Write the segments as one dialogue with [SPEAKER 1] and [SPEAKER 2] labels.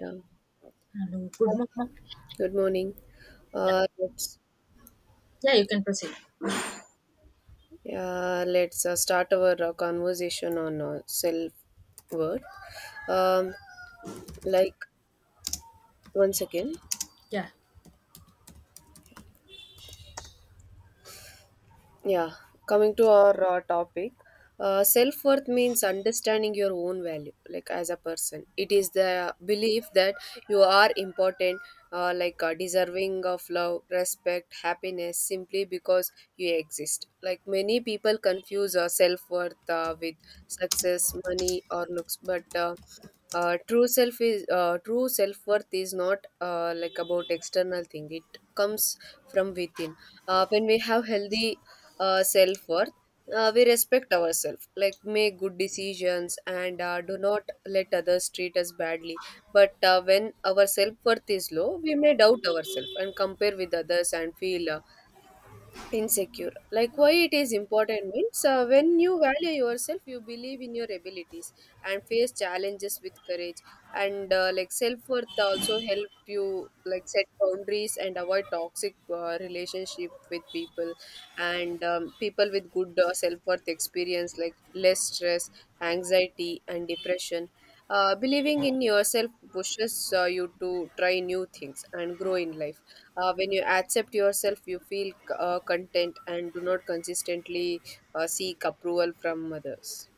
[SPEAKER 1] Yeah.
[SPEAKER 2] Hello, good morning.
[SPEAKER 1] Good morning.
[SPEAKER 2] Yeah,
[SPEAKER 1] Let's
[SPEAKER 2] yeah, you can proceed.
[SPEAKER 1] yeah, let's start our conversation on self worth. Um, like once again,
[SPEAKER 2] Yeah,
[SPEAKER 1] yeah, coming to our topic, self worth means understanding your own value, like as a person. It is the belief that you are important, deserving of love, respect, happiness simply because you exist. Like many people confuse self worth with success, money, or looks, but true self worth is not like about external thing. It comes from within when we have healthy self worth, we respect ourselves, like make good decisions and do not let others treat us badly. But when our self worth is low, we may doubt ourselves and compare with others and feel insecure. Like why it is important means when you value yourself, you believe in your abilities and face challenges with courage, and like self-worth also help you like set boundaries and avoid toxic relationship with people, and people with good self-worth experience like less stress, anxiety and depression. Believing in yourself pushes you to try new things and grow in life. When you accept yourself, you feel content and do not consistently seek approval from others.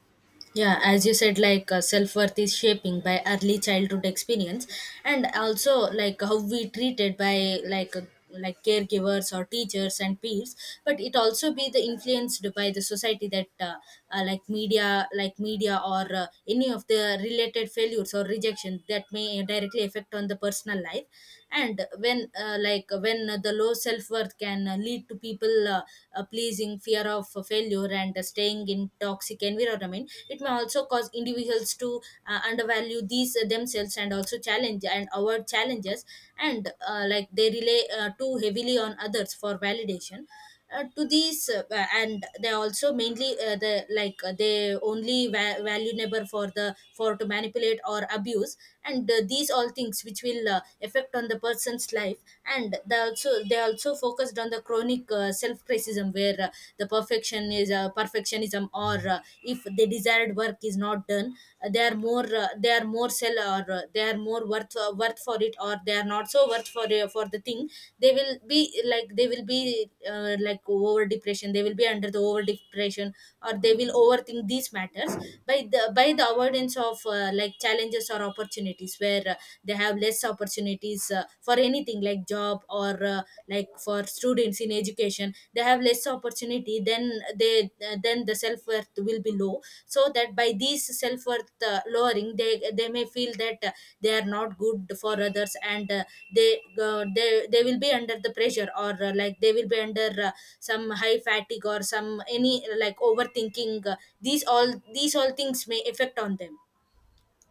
[SPEAKER 2] yeah. As you said, self worth is shaping by early childhood experience, and also like how we treated by like caregivers or teachers and peers. But it also be the influenced by the society that like media or any of the related failures or rejection that may directly affect on the personal life. And when the low self worth can lead to people. Pleasing, fear of failure, and staying in toxic environment, it may also cause individuals to undervalue these themselves, and also challenge and avoid challenges, and like they rely too heavily on others for validation to these and they also mainly they only valuable for the for to manipulate or abuse, and these all things which will affect on the person's life, and the also they also focused on the chronic self criticism, where the perfectionism, or if the desired work is not done, they are more sell, or they are more worth for it, or they are not so worth for the thing. They will be, they will be, like over depression, they will be under the over depression, or they will overthink these matters by the avoidance of like challenges or opportunities, where they have less opportunities for anything like job, or like for students in education, they have less opportunity, they then the self worth will be low. So that by these self worth lowering, they may feel that they are not good for others, and they uh, they they will be under the pressure, or like they will be under some high fatigue, or some any like overthinking these all. These all things may affect on them.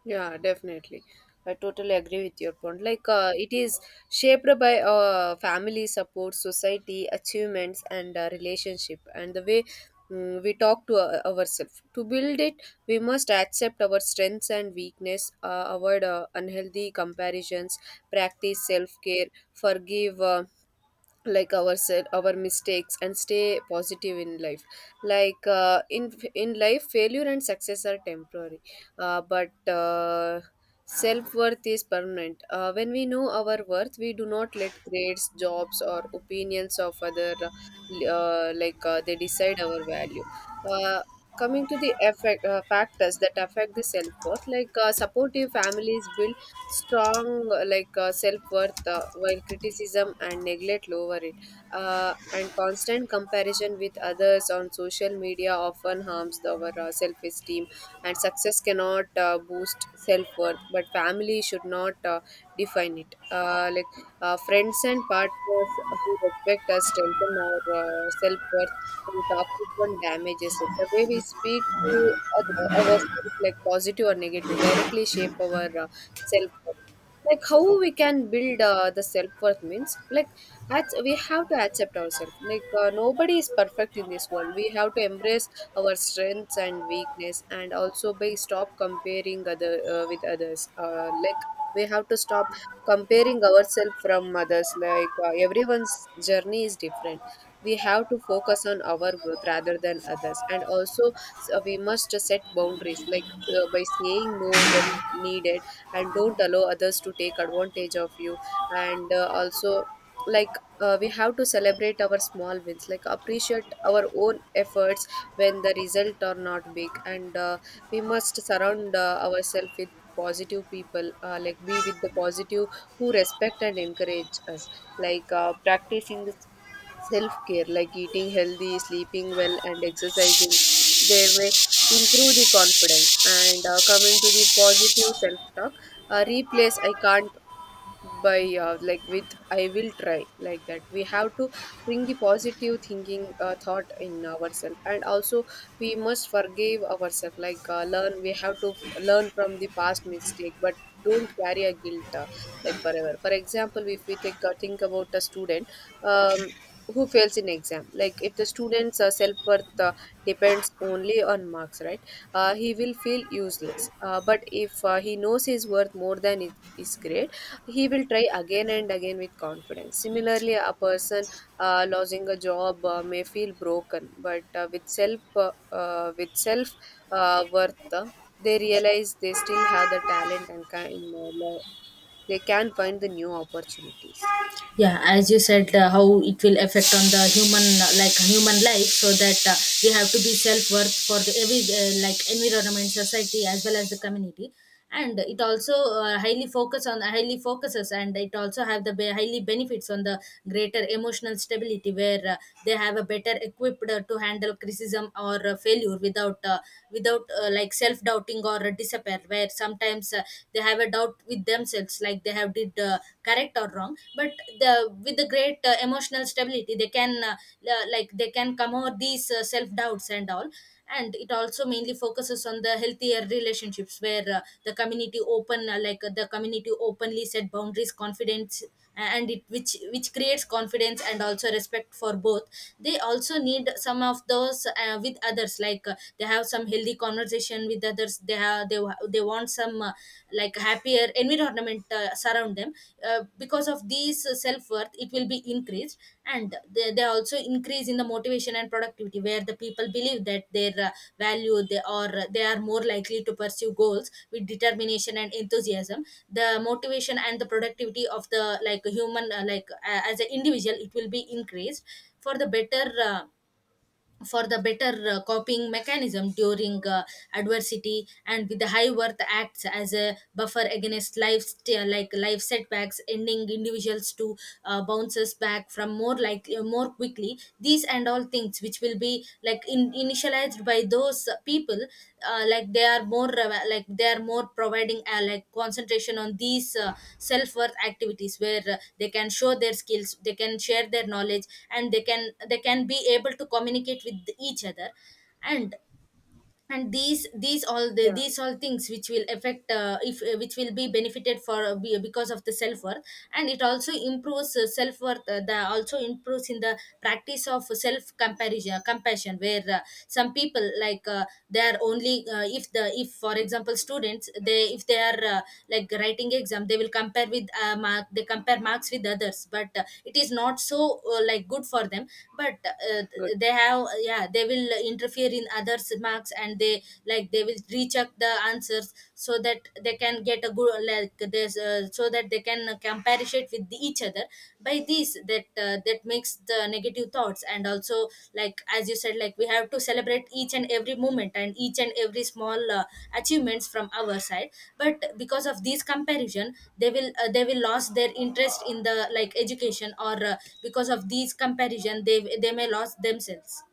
[SPEAKER 1] Yeah, definitely. I totally agree with your point. It is shaped by family support, society, achievements and relationship, and the way we talk to ourselves to build it. We must accept our strengths and weakness, avoid unhealthy comparisons, practice self-care, forgive like our our mistakes and stay positive in life. In life, failure and success are temporary, but self-worth is permanent. When we know our worth, we do not let grades, jobs or opinions of other they decide our value. uh, Coming to the effect factors that affect the self-worth, supportive families build strong self-worth, while criticism and neglect lower it. And constant comparison with others on social media often harms our self-esteem, and success cannot boost self-worth, but family should not define it. Friends and partners who respect us strengthen our self-worth, and toxic one damages it. The way we speak to other ourselves, like positive or negative, directly shape our self. Like how we can build the self-worth means, like at, we have to accept ourselves. Like nobody is perfect in this world. We have to embrace our strengths and weakness, and also by stop comparing other with others. We have to stop comparing ourselves from others. Everyone's journey is different. We have to focus on our growth rather than others, and also so we must set boundaries, by saying no when needed, and don't allow others to take advantage of you. And also like we have to celebrate our small wins, like appreciate our own efforts when the result are not big. And we must surround ourselves with positive people, like be with the positive who respect and encourage us. Practicing the self care, like eating healthy, sleeping well, and exercising, they may improve the confidence. And coming to the positive self talk, replace "I can't" by like with "I will try." Like that, we have to bring the positive thinking thought in ourselves. And also we must forgive ourselves. Like learn we have to f- Learn from the past mistake, but don't carry a guilt like forever. For example, if we take think about a student um, who fails in exam, like if the student's self-worth depends only on marks, right, he will feel useless. But if he knows his worth more than his grade, he will try again and again with confidence. Similarly, a person losing a job may feel broken, but with self worth, they realize they still have the talent, and they can find the new opportunities.
[SPEAKER 2] Yeah, as you said, how it will affect on the human, like human life. So that we have to be self worth for the every like environment, society, as well as the community. And it also highly focuses, and it also have the highly benefits on the greater emotional stability, where they have a better equipped to handle criticism or failure without like self doubting or disappear. Where sometimes they have a doubt with themselves, like they have did correct or wrong, but the with the great emotional stability, they can like they can come over these self doubts and all. And it also mainly focuses on the healthier relationships, where the community openly set boundaries, confidence, and it which creates confidence and also respect for both. They also need some of those with others, like they have some healthy conversation with others, they have they want some like happier environment surround them because of these self-worth. It will be increased, and they also increase in the motivation and productivity, where the people believe that their value, they or they are more likely to pursue goals with determination and enthusiasm. The motivation and the productivity of the like human as an individual, it will be increased for the better coping mechanism during adversity, and with the high worth acts as a buffer against like life setbacks, ending individuals to bounces back from more more quickly. These and all things which will be like in, initialized by those people, like they are more they are more providing like concentration on these self worth activities, where they can show their skills, they can share their knowledge, and they can be able to communicate with each other, and and these these all the
[SPEAKER 1] Yeah.
[SPEAKER 2] these all things which will affect if which will be benefited for because of the self worth. And it also improves self worth, the also improves in the practice of self comparison compassion, where some people they are only if the if, for example, students, they, if they are like writing exam, they will compare with mark they compare marks with others, but it is not so like good for them. But
[SPEAKER 1] Good.
[SPEAKER 2] they have, yeah, they will interfere fear in others marks, and they they will recheck the answers so that they can get a good like this so that they can compare it with each other. By this, that that makes the negative thoughts, and also like as you said, like we have to celebrate each and every moment, and each and every small achievements from our side. But because of this comparison, they will lose their interest in the like education, or because of these comparison, they may lose themselves.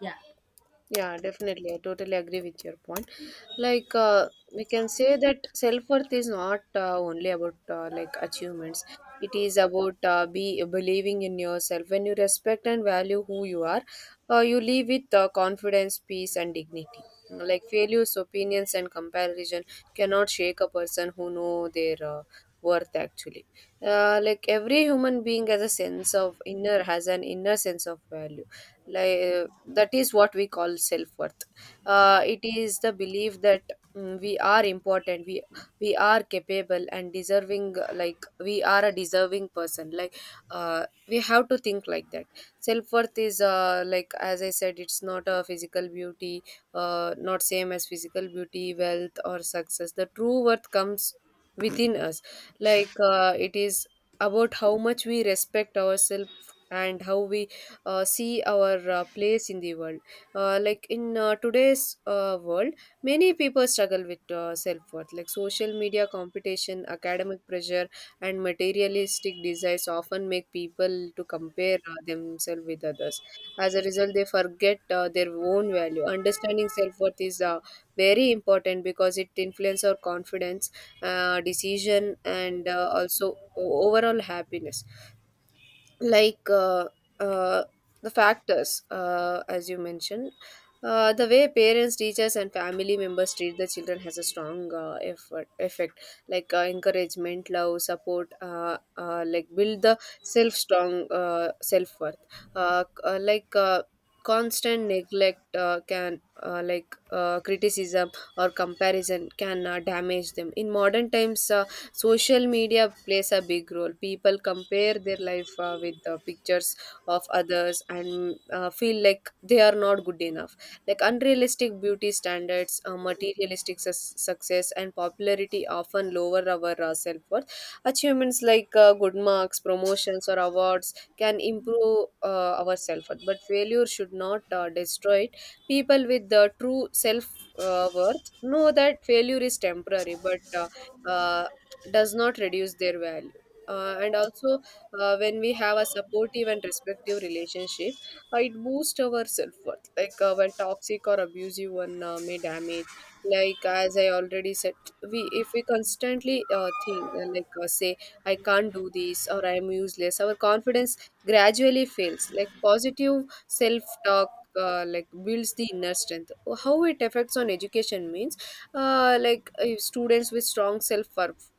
[SPEAKER 2] Yeah.
[SPEAKER 1] Yeah, definitely. I totally agree with your point. Like, uh, we can say that self-worth is not only about like achievements. It is about be believing in yourself. When you respect and value who you are, you live with confidence, peace, and dignity. Like failures, opinions, and comparison cannot shake a person who know their worth. Actually, like every human being has a sense of inner has an inner sense of value. Like that is what we call self-worth. It is the belief that we are important, we are capable and deserving. We are a deserving person. We have to think like that. Self-worth is like, as I said, it's not same as physical beauty, wealth or success. The true worth comes within us. It is about how much we respect ourselves and how we see our place in the world. In today's world, many people struggle with self worth, like social media competition, academic pressure, and materialistic desires often make people to compare themselves with others. As a result, they forget their own value. Understanding self worth is very important because it influences our confidence, decision, and overall happiness. Like uh, uh, the factors, as you mentioned, the way parents, teachers and family members treat the children has a strong effect. Encouragement, love, support build the self strong self worth. uh, c- uh, like uh, Constant neglect, can like criticism or comparison can damage them. In modern times, social media plays a big role. People compare their life with the pictures of others and feel like they are not good enough. Like unrealistic beauty standards, success and popularity often lower our self-worth. Achievements like good marks, promotions or awards can improve our self-worth, but failure should not destroy it. People with the true self worth know that failure is temporary, but uh, does not reduce their value. And also, when we have a supportive and respective relationship, it boosts our self worth. When toxic or abusive one may damage. Like as I already said, we if we constantly think like say "I can't do this" or "I am useless," our confidence gradually fails. Like positive self talk, builds the inner strength. How it affects on education means, if students with strong self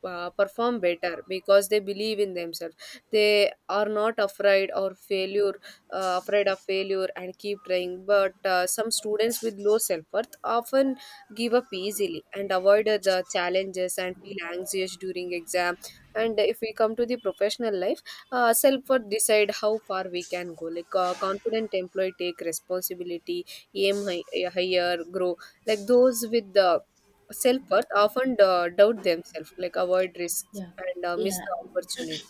[SPEAKER 1] perform better because they believe in themselves. They are not afraid of failure and keep trying, but some students with low self-worth often give up easily and avoid the challenges and feel anxious during exam. And if we come to the professional life, self-worth decide how far we can go. Confident employee take responsibility, aim high, higher, grow. Like those with the self-worth often doubt themselves, like avoid risks
[SPEAKER 2] Yeah.
[SPEAKER 1] and miss
[SPEAKER 2] Yeah.
[SPEAKER 1] the opportunity.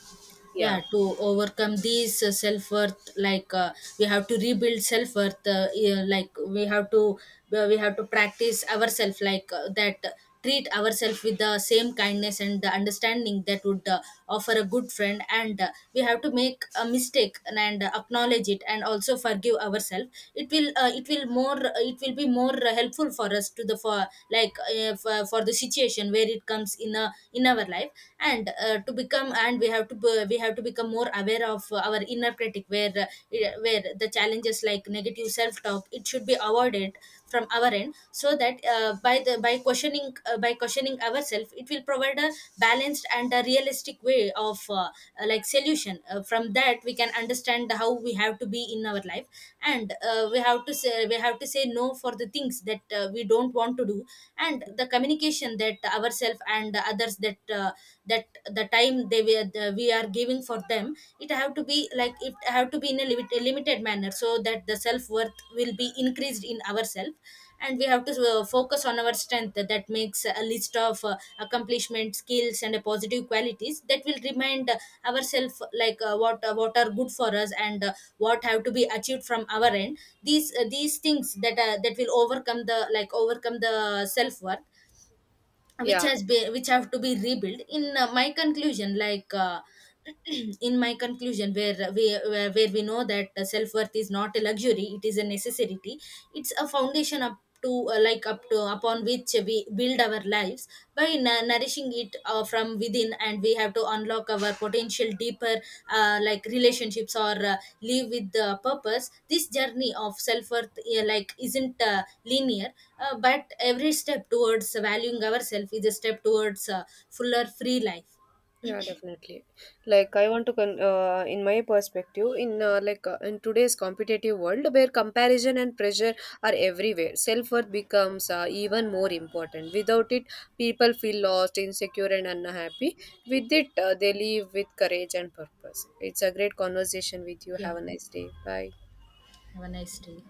[SPEAKER 1] Yeah
[SPEAKER 2] Yeah, to overcome these self-worth, we have to rebuild self-worth. Yeah, like we have to practice ourselves like that treat ourselves with the same kindness and the understanding that would offer a good friend. And we have to make a mistake, and acknowledge it, and also forgive ourselves. It will more, it will be more helpful for us to the for for the situation where it comes in a in our life. And to become, and we have to be, we have to become more aware of our inner critic, where the challenges like negative self talk, it should be avoided from our end. So that by questioning by questioning ourselves, it will provide a balanced and a realistic way of like solution. From that we can understand how we have to be in our life. And we have to say no for the things that we don't want to do. And the communication that ourselves and others, that that the time they were the, we are giving for them, it have to be like, it have to be in a, a limited manner, so that the self worth will be increased in ourselves. And we have to focus on our strength, that makes a list of accomplishment, skills, and positive qualities that will remind ourselves what are good for us, and what have to be achieved from our end. These things that that will overcome the overcome the self worth, which
[SPEAKER 1] yeah.
[SPEAKER 2] has be which have to be rebuilt in my conclusion. In my conclusion, where we where we know that self-worth is not a luxury, it is a necessity. It's a foundation up to up to upon which we build our lives, by nourishing it from within. And we have to unlock our potential deeper like relationships, or live with the purpose. This journey of self-worth like isn't linear, but every step towards valuing ourselves is a step towards a fuller free life.
[SPEAKER 1] Definitely. I want to in my perspective, in today's competitive world where comparison and pressure are everywhere, self-worth becomes even more important. Without it, people feel lost, insecure and unhappy. With it, they live with courage and purpose. It's a great conversation with you.
[SPEAKER 2] Yeah,
[SPEAKER 1] Have a nice day. Bye.
[SPEAKER 2] have a nice day.